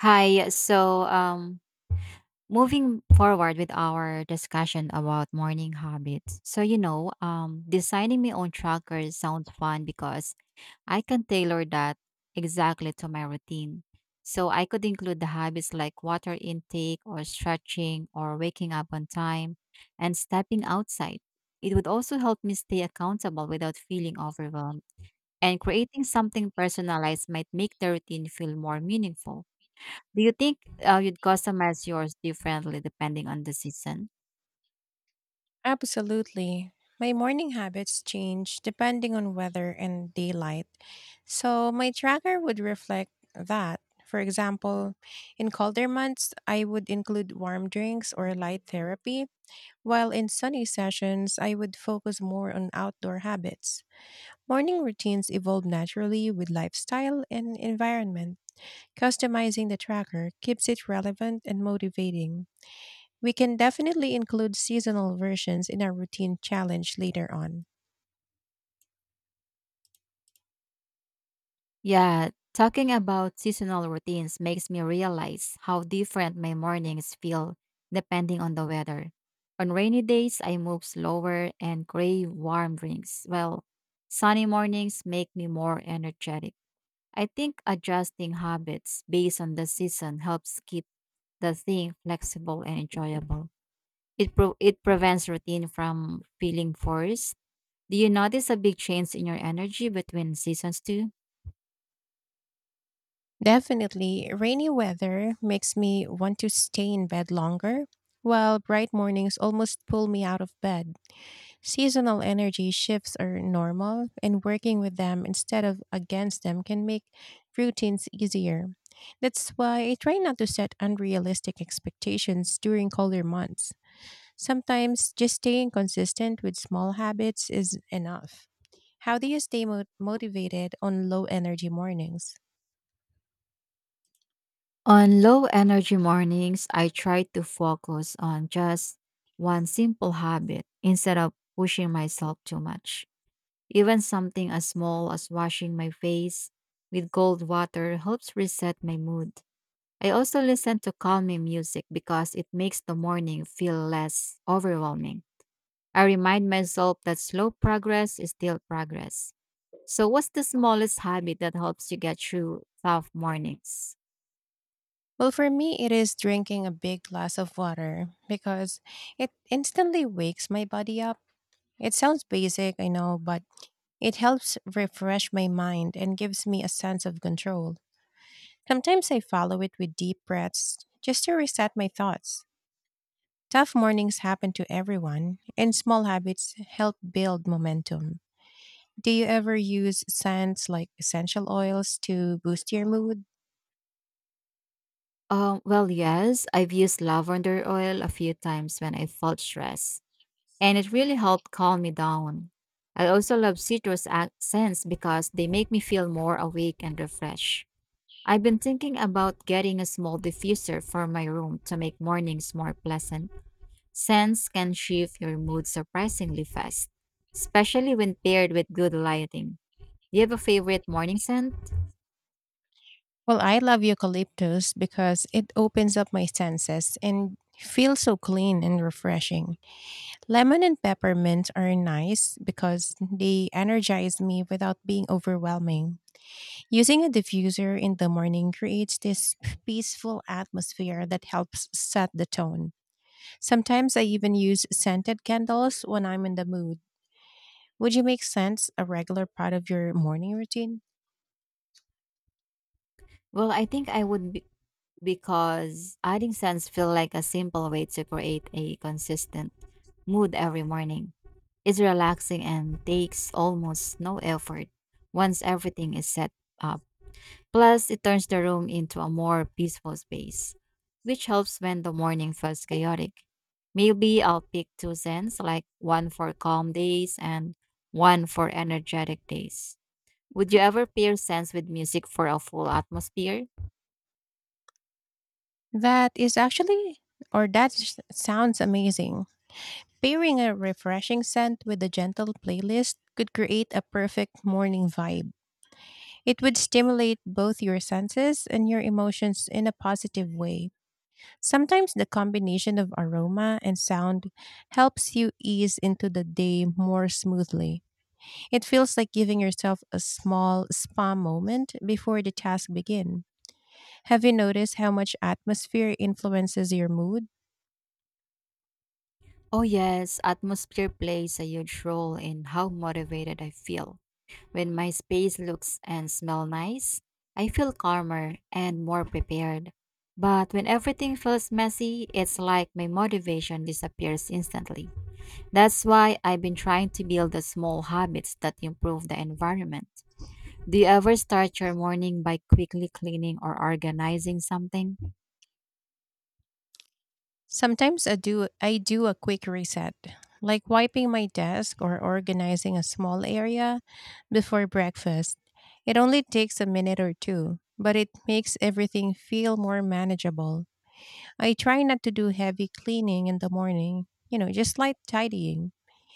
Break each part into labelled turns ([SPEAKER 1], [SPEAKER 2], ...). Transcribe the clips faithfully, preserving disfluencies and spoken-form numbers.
[SPEAKER 1] Hi. So, um, moving forward with our discussion about morning habits. So, you know, um, designing my own tracker sounds fun because I can tailor that exactly to my routine. So, I could include the habits like water intake or stretching or waking up on time and stepping outside. It would also help me stay accountable without feeling overwhelmed. And creating something personalized might make the routine feel more meaningful. Do you think uh, you'd customize yours differently depending on the season?
[SPEAKER 2] Absolutely. My morning habits change depending on weather and daylight. So my tracker would reflect that. For example, in colder months, I would include warm drinks or light therapy, while in sunny sessions, I would focus more on outdoor habits. Morning routines evolve naturally with lifestyle and environment. Customizing the tracker keeps it relevant and motivating. We can definitely include seasonal versions in our routine challenge later on.
[SPEAKER 1] Yeah, talking about seasonal routines makes me realize how different my mornings feel depending on the weather. On rainy days, I move slower and crave warm drinks, while sunny mornings make me more energetic. I think adjusting habits based on the season helps keep the thing flexible and enjoyable. It, pro- it prevents routine from feeling forced. Do you notice a big change in your energy between seasons too?
[SPEAKER 2] Definitely, rainy weather makes me want to stay in bed longer, while bright mornings almost pull me out of bed. Seasonal energy shifts are normal, and working with them instead of against them can make routines easier. That's why I try not to set unrealistic expectations during colder months. Sometimes just staying consistent with small habits is enough. How do you stay mo- motivated on low energy mornings?
[SPEAKER 1] On low energy mornings, I try to focus on just one simple habit instead of pushing myself too much. Even something as small as washing my face with cold water helps reset my mood. I also listen to calming music because it makes the morning feel less overwhelming. I remind myself that slow progress is still progress. So, what's the smallest habit that helps you get through tough mornings?
[SPEAKER 2] Well, for me, it is drinking a big glass of water because it instantly wakes my body up. It sounds basic, I know, but it helps refresh my mind and gives me a sense of control. Sometimes I follow it with deep breaths just to reset my thoughts. Tough mornings happen to everyone, and small habits help build momentum. Do you ever use scents like essential oils to boost your mood?
[SPEAKER 1] Um, well, yes, I've used lavender oil a few times when I felt stressed, and it really helped calm me down. I also love citrus ac- scents because they make me feel more awake and refreshed. I've been thinking about getting a small diffuser for my room to make mornings more pleasant. Scents can shift your mood surprisingly fast, especially when paired with good lighting. Do you have a favorite morning scent?
[SPEAKER 2] Well, I love eucalyptus because it opens up my senses and feels so clean and refreshing. Lemon and peppermint are nice because they energize me without being overwhelming. Using a diffuser in the morning creates this peaceful atmosphere that helps set the tone. Sometimes I even use scented candles when I'm in the mood. Would you make sense a regular part of your morning routine?
[SPEAKER 1] Well, I think I would be, because adding scents feel like a simple way to create a consistent mood every morning. It's relaxing and takes almost no effort once everything is set up. Plus, it turns the room into a more peaceful space, which helps when the morning feels chaotic. Maybe I'll pick two scents, like one for calm days and one for energetic days. Would you ever pair scents with music for a full atmosphere?
[SPEAKER 2] That is actually or that s- sounds amazing. Pairing a refreshing scent with a gentle playlist could create a perfect morning vibe. It would stimulate both your senses and your emotions in a positive way. Sometimes the combination of aroma and sound helps you ease into the day more smoothly. It feels like giving yourself a small spa moment before the task begins. Have you noticed how much atmosphere influences your mood?
[SPEAKER 1] Oh, yes, atmosphere plays a huge role in how motivated I feel. When my space looks and smell nice, I feel calmer and more prepared. But when everything feels messy, it's like my motivation disappears instantly. That's why I've been trying to build the small habits that improve the environment. Do you ever start your morning by quickly cleaning or organizing something?
[SPEAKER 2] Sometimes I do I do a quick reset, like wiping my desk or organizing a small area before breakfast. It only takes a minute or two, but it makes everything feel more manageable. I try not to do heavy cleaning in the morning, you know, just light tidying.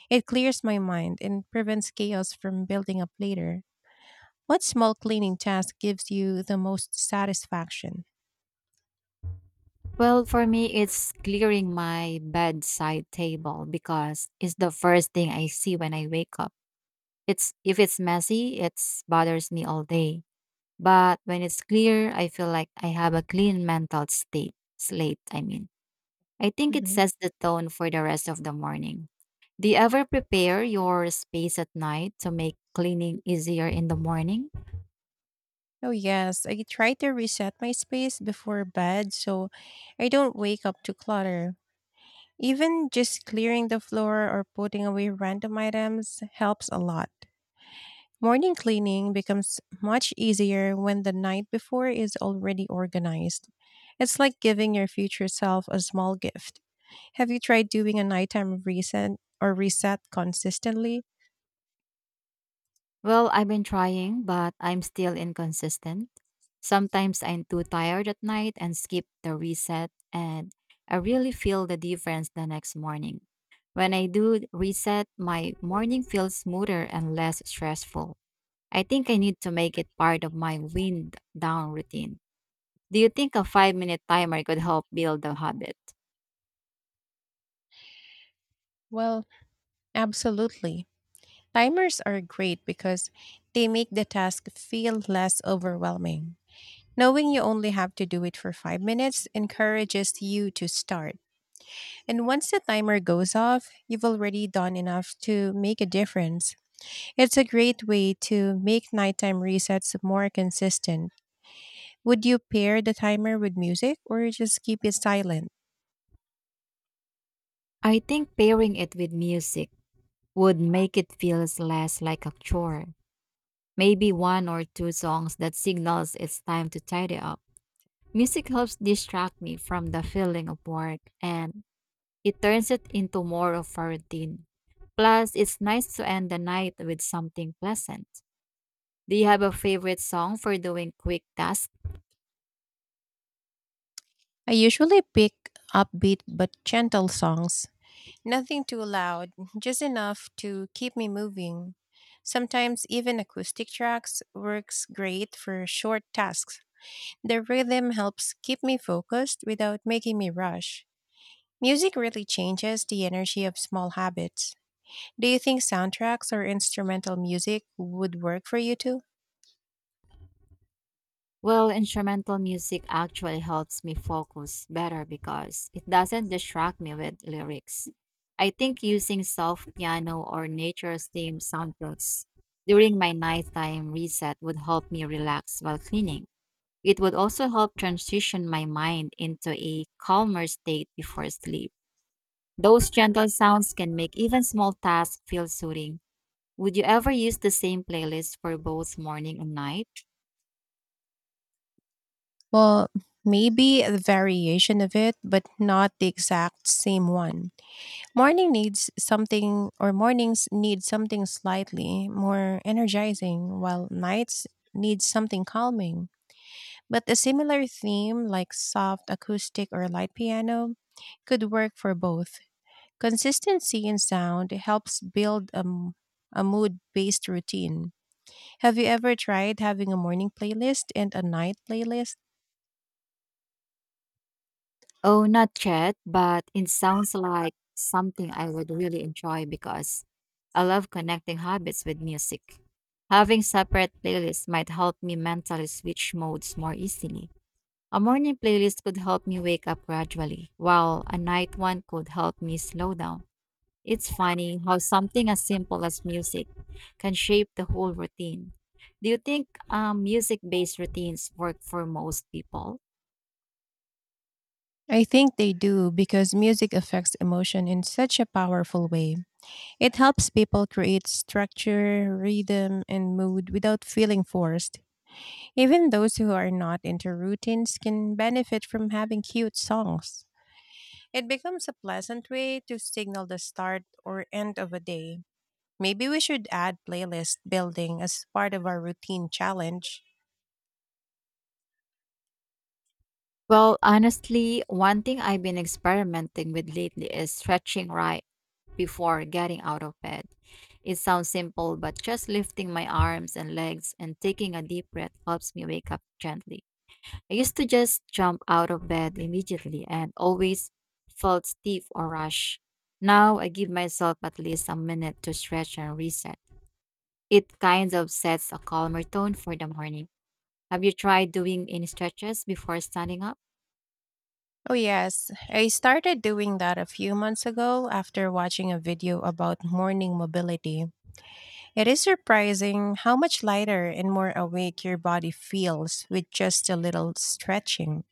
[SPEAKER 2] It clears my mind and prevents chaos from building up later. What small cleaning task gives you the most satisfaction?
[SPEAKER 1] Well, for me, it's clearing my bedside table because it's the first thing I see when I wake up. It's if it's messy, it bothers me all day. But when it's clear, I feel like I have a clean mental state slate, I mean. I think it
[SPEAKER 2] Mhm.
[SPEAKER 1] sets the tone for the rest of the morning. Do you ever prepare your space at night to make cleaning easier in the morning?
[SPEAKER 2] Oh, yes. I try to reset my space before bed so I don't wake up to clutter. Even just clearing the floor or putting away random items helps a lot. Morning cleaning becomes much easier when the night before is already organized. It's like giving your future self a small gift. Have you tried doing a nighttime reset or reset consistently?
[SPEAKER 1] Well, I've been trying, but I'm still inconsistent. Sometimes I'm too tired at night and skip the reset, and I really feel the difference the next morning. When I do reset, my morning feels smoother and less stressful. I think I need to make it part of my wind down routine. Do you think a five minute timer could help build the habit?
[SPEAKER 2] Well, absolutely. Timers are great because they make the task feel less overwhelming. Knowing you only have to do it for five minutes encourages you to start. And once the timer goes off, you've already done enough to make a difference. It's a great way to make nighttime resets more consistent. Would you pair the timer with music or just keep it silent?
[SPEAKER 1] I think pairing it with music would make it feels less like a chore. Maybe one or two songs that signals it's time to tidy up. Music helps distract me from the feeling of work and it turns it into more of a routine. Plus, it's nice to end the night with something pleasant. Do you have a favorite song for doing quick tasks?
[SPEAKER 2] I usually pick upbeat but gentle songs. Nothing too loud, just enough to keep me moving. Sometimes even acoustic tracks works great for short tasks. The rhythm helps keep me focused without making me rush. Music really changes the energy of small habits. Do you think soundtracks or instrumental music would work for you too?
[SPEAKER 1] Well, instrumental music actually helps me focus better because it doesn't distract me with lyrics. I think using soft piano or nature's theme soundtracks during my nighttime reset would help me relax while cleaning. It would also help transition my mind into a calmer state before sleep. Those gentle sounds can make even small tasks feel soothing. Would you ever use the same playlist for both morning and night?
[SPEAKER 2] Well, maybe a variation of it, but not the exact same one. Morning needs something, or mornings need something slightly more energizing, while nights need something calming. But a similar theme, like soft acoustic or light piano, could work for both. Consistency in sound helps build a, m- a mood based routine. Have you ever tried having a morning playlist and a night playlist?
[SPEAKER 1] Oh, not yet, but it sounds like something I would really enjoy because I love connecting habits with music. Having separate playlists might help me mentally switch modes more easily. A morning playlist could help me wake up gradually, while a night one could help me slow down. It's funny how something as simple as music can shape the whole routine. Do you think um, music based routines work for most people?
[SPEAKER 2] I think they do because music affects emotion in such a powerful way. It helps people create structure, rhythm, and mood without feeling forced. Even those who are not into routines can benefit from having cute songs. It becomes a pleasant way to signal the start or end of a day. Maybe we should add playlist building as part of our routine challenge.
[SPEAKER 1] Well, honestly, one thing I've been experimenting with lately is stretching right before getting out of bed. It sounds simple, but just lifting my arms and legs and taking a deep breath helps me wake up gently. I used to just jump out of bed immediately and always felt stiff or rush. Now I give myself at least a minute to stretch and reset. It kind of sets a calmer tone for the morning. Have you tried doing any stretches before standing up?
[SPEAKER 2] Oh, yes. I started doing that a few months ago after watching a video about morning mobility. It is surprising how much lighter and more awake your body feels with just a little stretching.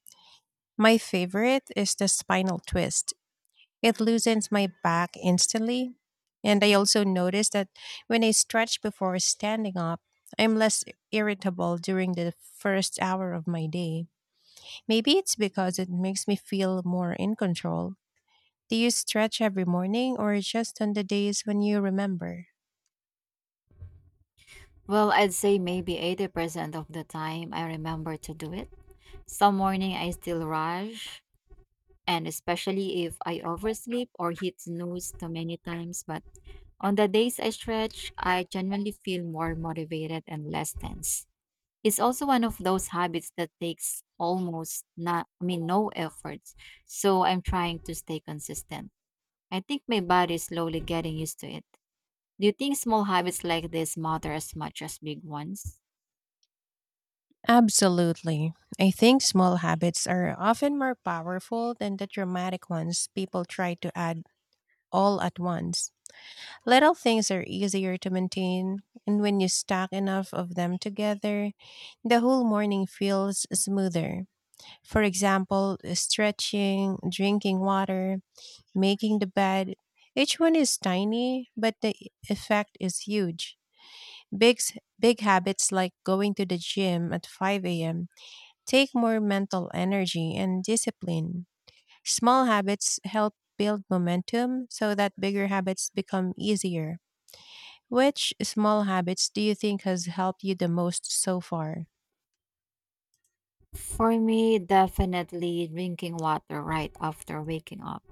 [SPEAKER 2] My favorite is the spinal twist, it loosens my back instantly. And I also notice that when I stretch before standing up, I'm less irritable during the first hour of my day. Maybe it's because it makes me feel more in control. Do you stretch every morning or just on the days when you remember?
[SPEAKER 1] Well, I'd say maybe eighty percent of the time I remember to do it. Some morning I still rush, and especially if I oversleep or hit snooze too many times. But on the days I stretch, I genuinely feel more motivated and less tense. It's also one of those habits that takes almost not, I mean, no efforts. So I'm trying to stay consistent. I think my body is slowly getting used to it. Do you think small habits like this matter as much as big ones?
[SPEAKER 2] Absolutely. I think small habits are often more powerful than the dramatic ones people try to add all at once. Little things are easier to maintain, and when you stack enough of them together, the whole morning feels smoother. For example, stretching, drinking water, making the bed. Each one is tiny, but the effect is huge. Big, s- big habits like going to the gym at five a m take more mental energy and discipline. Small habits help build momentum so that bigger habits become easier. Which small habits do you think has helped you the most so far?
[SPEAKER 1] For me, definitely drinking water right after waking up.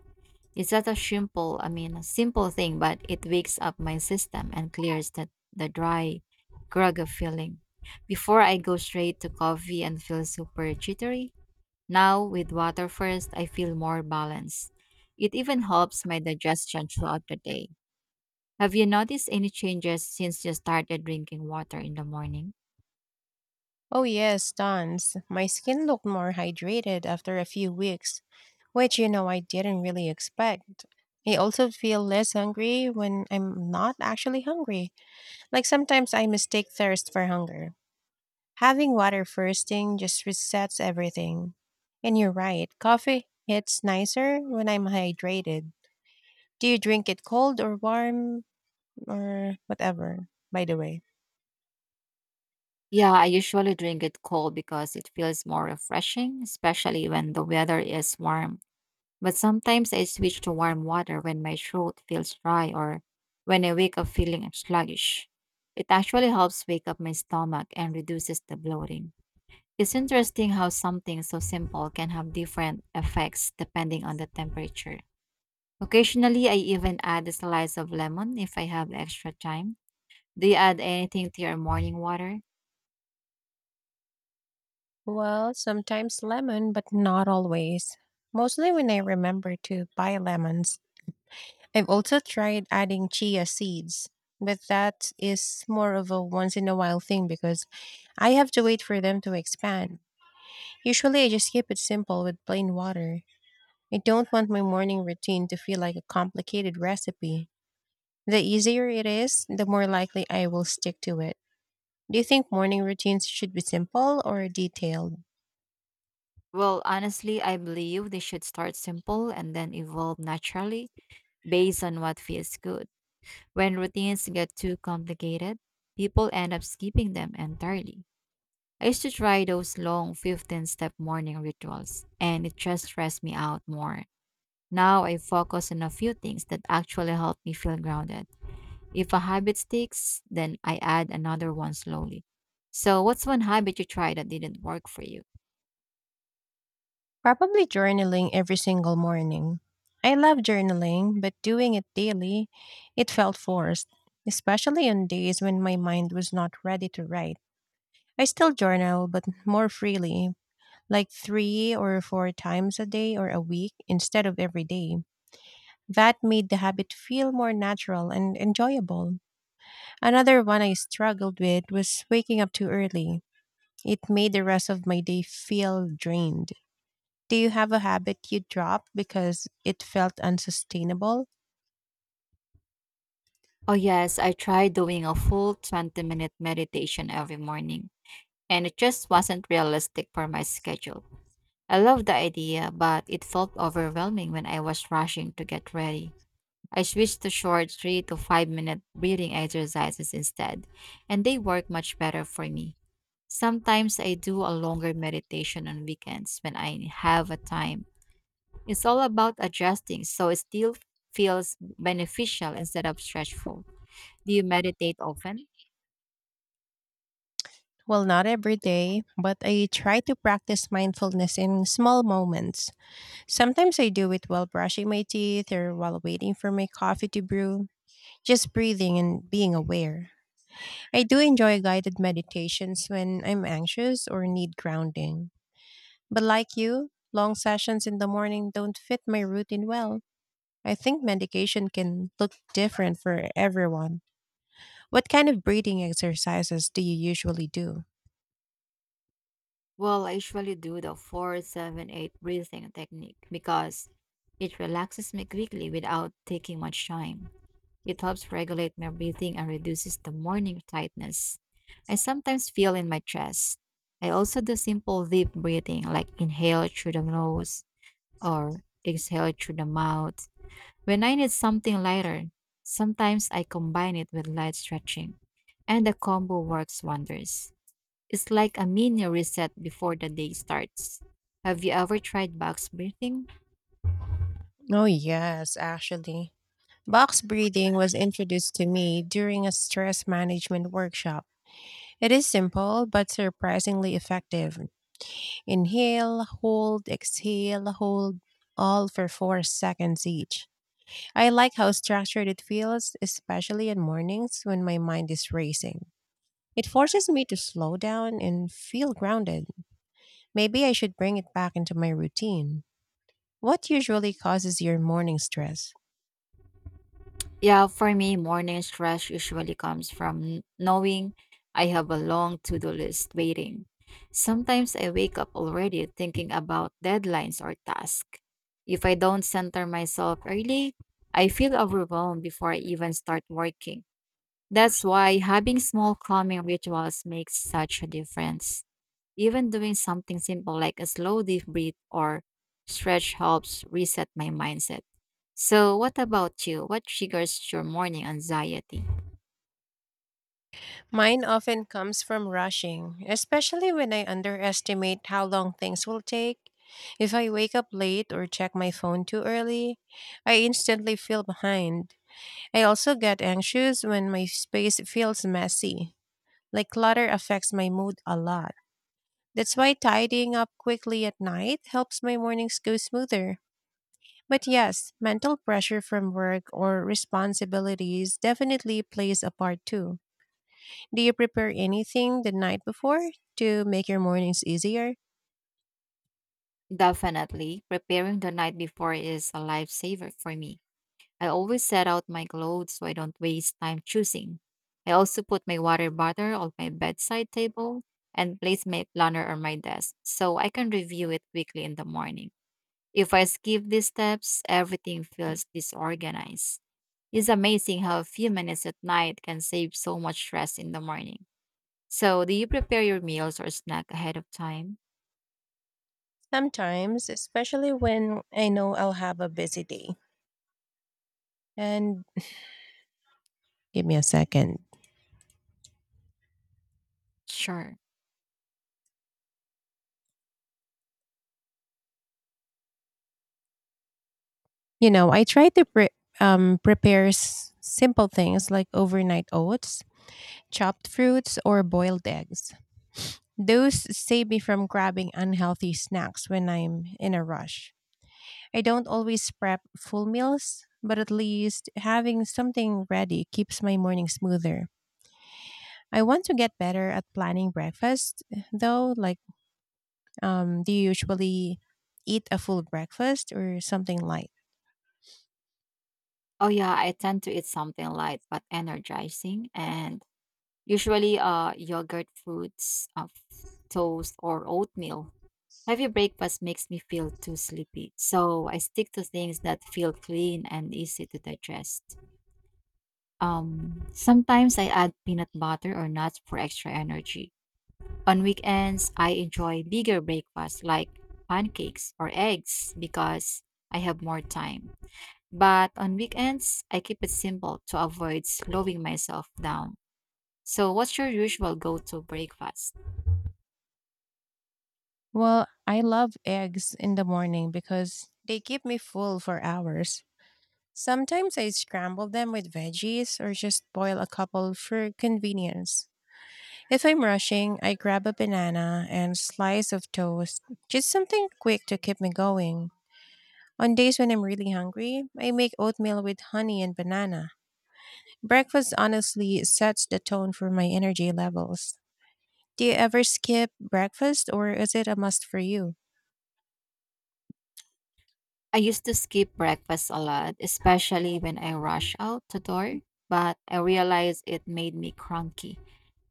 [SPEAKER 1] It's such a simple, I mean, a simple thing, but it wakes up my system and clears the, the dry, groggy feeling. Before I go straight to coffee and feel super jittery, now with water first, I feel more balanced. It even helps my digestion throughout the day. Have you noticed any changes since you started drinking water in the morning?
[SPEAKER 2] Oh, yes, tons. My skin looked more hydrated after a few weeks, which, you know, I didn't really expect. I also feel less hungry when I'm not actually hungry. Like sometimes I mistake thirst for hunger. Having water first thing just resets everything. And you're right, coffee hits nicer when I'm hydrated. Do you drink it cold or warm or whatever, by the way?
[SPEAKER 1] Yeah, I usually drink it cold because it feels more refreshing, especially when the weather is warm. But sometimes I switch to warm water when my throat feels dry or when I wake up feeling sluggish. It actually helps wake up my stomach and reduces the bloating. It's interesting how something so simple can have different effects depending on the temperature. Occasionally, I even add a slice of lemon if I have extra time. Do you add anything to your morning water?
[SPEAKER 2] Well, sometimes lemon, but not always. Mostly when I remember to buy lemons. I've also tried adding chia seeds, but that is more of a once in a while thing because I have to wait for them to expand. Usually, I just keep it simple with plain water. I don't want my morning routine to feel like a complicated recipe. The easier it is, the more likely I will stick to it. Do you think morning routines should be simple or detailed?
[SPEAKER 1] Well, honestly, I believe they should start simple and then evolve naturally based on what feels good. When routines get too complicated, people end up skipping them entirely. I used to try those long fifteen step morning rituals, and it just stressed me out more. Now I focus on a few things that actually help me feel grounded. If a habit sticks, then I add another one slowly. So, what's one habit you tried that didn't work for you?
[SPEAKER 2] Probably journaling every single morning. I love journaling, but doing it daily, it felt forced, especially on days when my mind was not ready to write. I still journal, but more freely, like three or four times a day or a week instead of every day. That made the habit feel more natural and enjoyable. Another one I struggled with was waking up too early. It made the rest of my day feel drained. Do you have a habit you dropped because it felt unsustainable?
[SPEAKER 1] Oh, yes, I tried doing a full twenty minute meditation every morning, and it just wasn't realistic for my schedule. I love the idea, but it felt overwhelming when I was rushing to get ready. I switched to short three to five minute breathing exercises instead, and they work much better for me. Sometimes I do a longer meditation on weekends when I have a time. It's all about adjusting so it still feels beneficial instead of stressful. Do you meditate often?
[SPEAKER 2] Well, not every day, but I try to practice mindfulness in small moments. Sometimes I do it while brushing my teeth or while waiting for my coffee to brew. Just breathing and being aware. I do enjoy guided meditations when I'm anxious or need grounding. But like you, long sessions in the morning don't fit my routine well. I think medication can look different for everyone. What kind of breathing exercises do you usually do?
[SPEAKER 1] Well, I usually do the four seven eight breathing technique because it relaxes me quickly without taking much time. It helps regulate my breathing and reduces the morning tightness I sometimes feel in my chest. I also do simple deep breathing like inhale through the nose or exhale through the mouth. When I need something lighter, sometimes I combine it with light stretching, and the combo works wonders. It's like a mini reset before the day starts. Have you ever tried box breathing?
[SPEAKER 2] Oh, yes, actually. Box breathing was introduced to me during a stress management workshop. It is simple but surprisingly effective. Inhale, hold, exhale, hold, all for four seconds each. I like how structured it feels, especially in mornings when my mind is racing. It forces me to slow down and feel grounded. Maybe I should bring it back into my routine. What usually causes your morning stress?
[SPEAKER 1] Yeah, for me, morning stress usually comes from n- knowing I have a long to do list waiting. Sometimes I wake up already thinking about deadlines or tasks. If I don't center myself early, I feel overwhelmed before I even start working. That's why having small calming rituals makes such a difference. Even doing something simple like a slow deep breath or stretch helps reset my mindset. So, what about you? What triggers your morning anxiety?
[SPEAKER 2] Mine often comes from rushing, especially when I underestimate how long things will take. If I wake up late or check my phone too early, I instantly feel behind. I also get anxious when my space feels messy. Like clutter affects my mood a lot. That's why tidying up quickly at night helps my mornings go smoother. But yes, mental pressure from work or responsibilities definitely plays a part too. Do you prepare anything the night before to make your mornings easier?
[SPEAKER 1] Definitely, preparing the night before is a lifesaver for me. I always set out my clothes so I don't waste time choosing. I also put my water bottle on my bedside table and place my planner on my desk so I can review it quickly in the morning. If I skip these steps, everything feels disorganized. It's amazing how a few minutes at night can save so much stress in the morning. So, do you prepare your meals or snack ahead of time?
[SPEAKER 2] Sometimes, especially when I know I'll have a busy day. And give me a second.
[SPEAKER 1] Sure.
[SPEAKER 2] You know, I try to pre- um, prepare s- simple things like overnight oats, chopped fruits, or boiled eggs. Those save me from grabbing unhealthy snacks when I'm in a rush. I don't always prep full meals, but at least having something ready keeps my morning smoother. I want to get better at planning breakfast, though. Like, um, do you usually eat a full breakfast or something light?
[SPEAKER 1] Oh, yeah, I tend to eat something light but energizing and usually, uh, yogurt, fruits, uh, f- toast, or oatmeal. Heavy breakfast makes me feel too sleepy, so I stick to things that feel clean and easy to digest. Um, sometimes I add peanut butter or nuts for extra energy. On weekends, I enjoy bigger breakfasts like pancakes or eggs because I have more time. But on weekends, I keep it simple to avoid slowing myself down. So, what's your usual go to breakfast?
[SPEAKER 2] Well, I love eggs in the morning because they keep me full for hours. Sometimes I scramble them with veggies or just boil a couple for convenience. If I'm rushing, I grab a banana and slice of toast, just something quick to keep me going. On days when I'm really hungry, I make oatmeal with honey and banana. Breakfast honestly sets the tone for my energy levels. Do you ever skip breakfast or is it a must for you?
[SPEAKER 1] I used to skip breakfast a lot, especially when I rush out the door, but I realized it made me cranky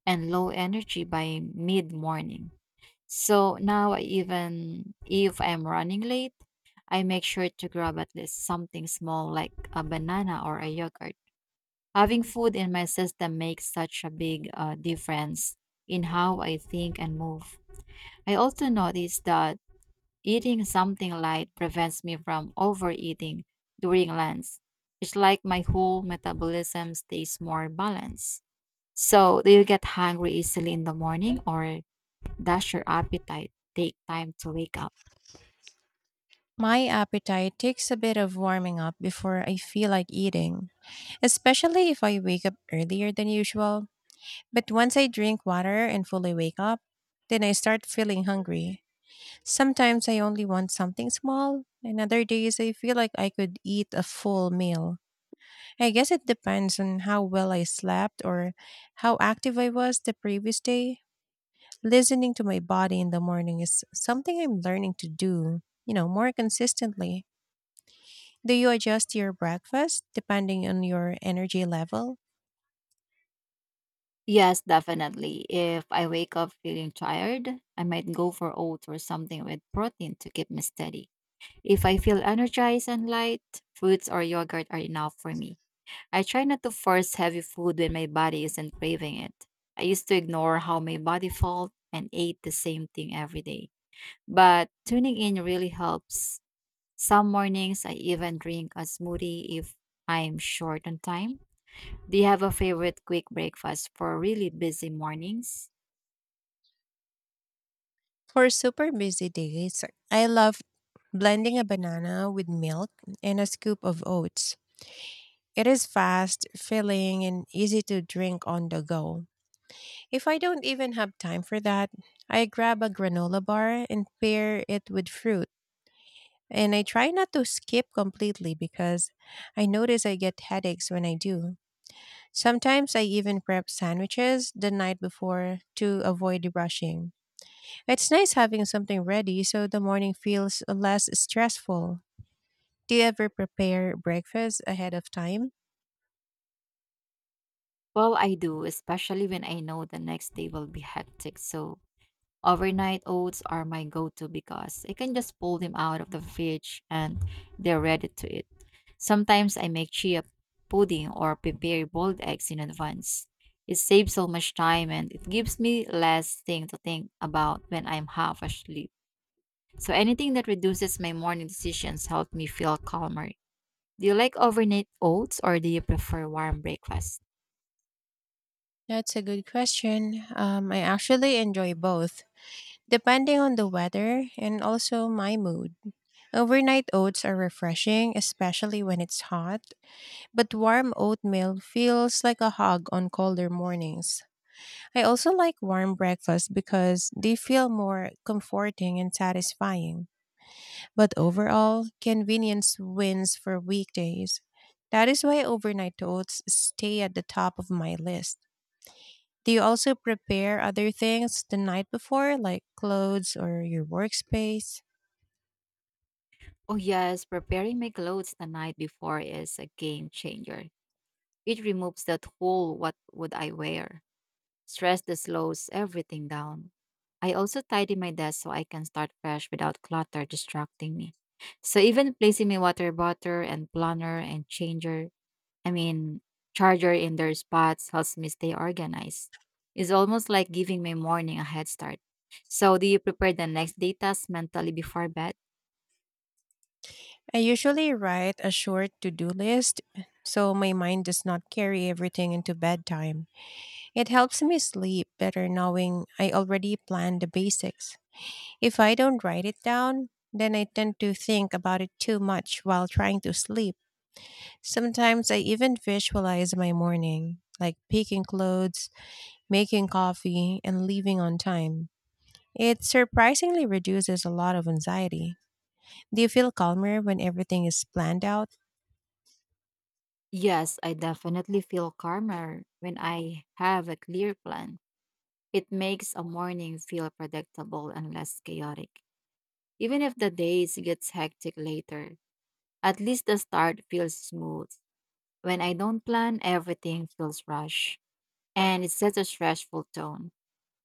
[SPEAKER 1] and low energy by mid morning. So now, even if I'm running late, I make sure to grab at least something small like a banana or a yogurt. Having food in my system makes such a big uh, difference in how I think and move. I also noticed that eating something light prevents me from overeating during lunch. It's like my whole metabolism stays more balanced. So, do you get hungry easily in the morning or does your appetite take time to wake up?
[SPEAKER 2] My appetite takes a bit of warming up before I feel like eating, especially if I wake up earlier than usual. But once I drink water and fully wake up, then I start feeling hungry. Sometimes I only want something small, and other days I feel like I could eat a full meal. I guess it depends on how well I slept or how active I was the previous day. Listening to my body in the morning is something I'm learning to do, you know, more consistently. Do you adjust your breakfast depending on your energy level?
[SPEAKER 1] Yes, definitely. If I wake up feeling tired, I might go for oats or something with protein to keep me steady. If I feel energized and light, fruits or yogurt are enough for me. I try not to force heavy food when my body isn't craving it. I used to ignore how my body felt and ate the same thing every day. But tuning in really helps. Some mornings I even drink a smoothie if I'm short on time. Do you have a favorite quick breakfast for really busy mornings?
[SPEAKER 2] For super busy days, I love blending a banana with milk and a scoop of oats. It is fast, filling, and easy to drink on the go. If I don't even have time for that, I grab a granola bar and pair it with fruit. And I try not to skip completely because I notice I get headaches when I do. Sometimes I even prep sandwiches the night before to avoid rushing. It's nice having something ready so the morning feels less stressful. Do you ever prepare breakfast ahead of time?
[SPEAKER 1] Well, I do, especially when I know the next day will be hectic. So overnight oats are my go to because I can just pull them out of the fridge and they're ready to eat. Sometimes I make chia pudding or prepare boiled eggs in advance. It saves so much time and it gives me less thing to think about when I'm half asleep. So anything that reduces my morning decisions helps me feel calmer. Do you like overnight oats or do you prefer warm breakfast?
[SPEAKER 2] That's a good question. Um, I actually enjoy both, depending on the weather and also my mood. Overnight oats are refreshing, especially when it's hot, but warm oatmeal feels like a hug on colder mornings. I also like warm breakfasts because they feel more comforting and satisfying. But overall, convenience wins for weekdays. That is why overnight oats stay at the top of my list. Do you also prepare other things the night before, like clothes or your workspace?
[SPEAKER 1] Oh yes, preparing my clothes the night before is a game changer. It removes that whole what would I wear? Stress that slows everything down. I also tidy my desk so I can start fresh without clutter distracting me. So even placing my water bottle and planner and changer, I mean charger in their spots helps me stay organized. It's almost like giving my morning a head start. So do you prepare the next day task mentally before bed?
[SPEAKER 2] I usually write a short to do list so my mind does not carry everything into bedtime. It helps me sleep better knowing I already planned the basics. If I don't write it down, then I tend to think about it too much while trying to sleep. Sometimes I even visualize my morning, like picking clothes, making coffee, and leaving on time. It surprisingly reduces a lot of anxiety. Do you feel calmer when everything is planned out?
[SPEAKER 1] Yes, I definitely feel calmer when I have a clear plan. It makes a morning feel predictable and less chaotic. Even if the days gets hectic later, at least the start feels smooth. When I don't plan, everything feels rushed and it sets a stressful tone.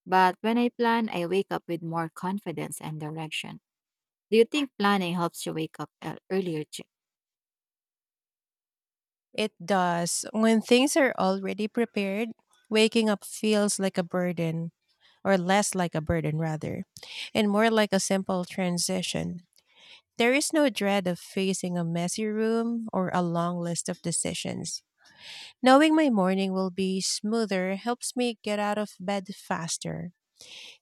[SPEAKER 1] But when I plan, I wake up with more confidence and direction. Do you think planning helps you wake up ear- earlier? Chi?
[SPEAKER 2] It does. When things are already prepared, waking up feels like a burden, or less like a burden, rather, and more like a simple transition. There is no dread of facing a messy room or a long list of decisions. Knowing my morning will be smoother helps me get out of bed faster.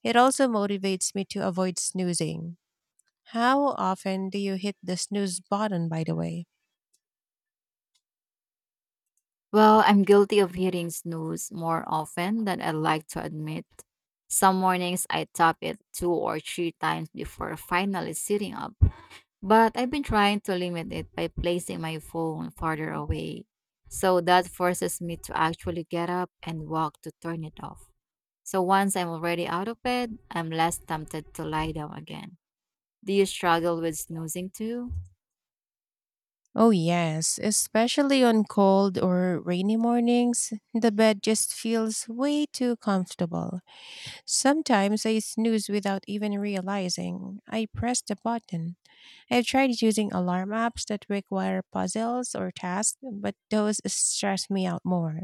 [SPEAKER 2] It also motivates me to avoid snoozing. How often do you hit the snooze button, by the way?
[SPEAKER 1] Well, I'm guilty of hitting snooze more often than I like to admit. Some mornings I tap it two or three times before finally sitting up. But I've been trying to limit it by placing my phone farther away. So that forces me to actually get up and walk to turn it off. So once I'm already out of bed, I'm less tempted to lie down again. Do you struggle with snoozing too?
[SPEAKER 2] Oh, yes, especially on cold or rainy mornings, the bed just feels way too comfortable. Sometimes I snooze without even realizing I pressed the button. I've tried using alarm apps that require puzzles or tasks, but those stress me out more.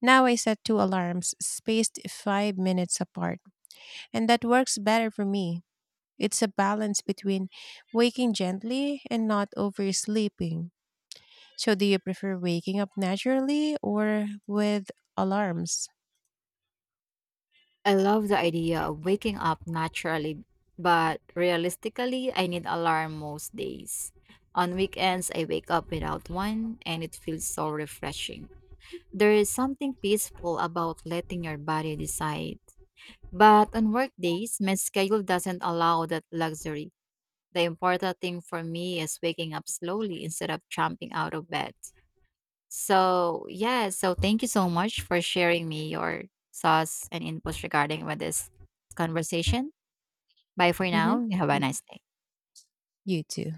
[SPEAKER 2] Now I set two alarms spaced five minutes apart, and that works better for me. It's a balance between waking gently and not oversleeping. So, do you prefer waking up naturally or with alarms?
[SPEAKER 1] I love the idea of waking up naturally, but realistically, I need alarm most days. On weekends, I wake up without one, and it feels so refreshing. There is something peaceful about letting your body decide. But on work days, my schedule doesn't allow that luxury. The important thing for me is waking up slowly instead of jumping out of bed. So, yeah, so thank you so much for sharing me your thoughts and inputs regarding with this conversation. Bye for
[SPEAKER 2] Mm-hmm.
[SPEAKER 1] now. Have a
[SPEAKER 2] You
[SPEAKER 1] nice day.
[SPEAKER 2] you too.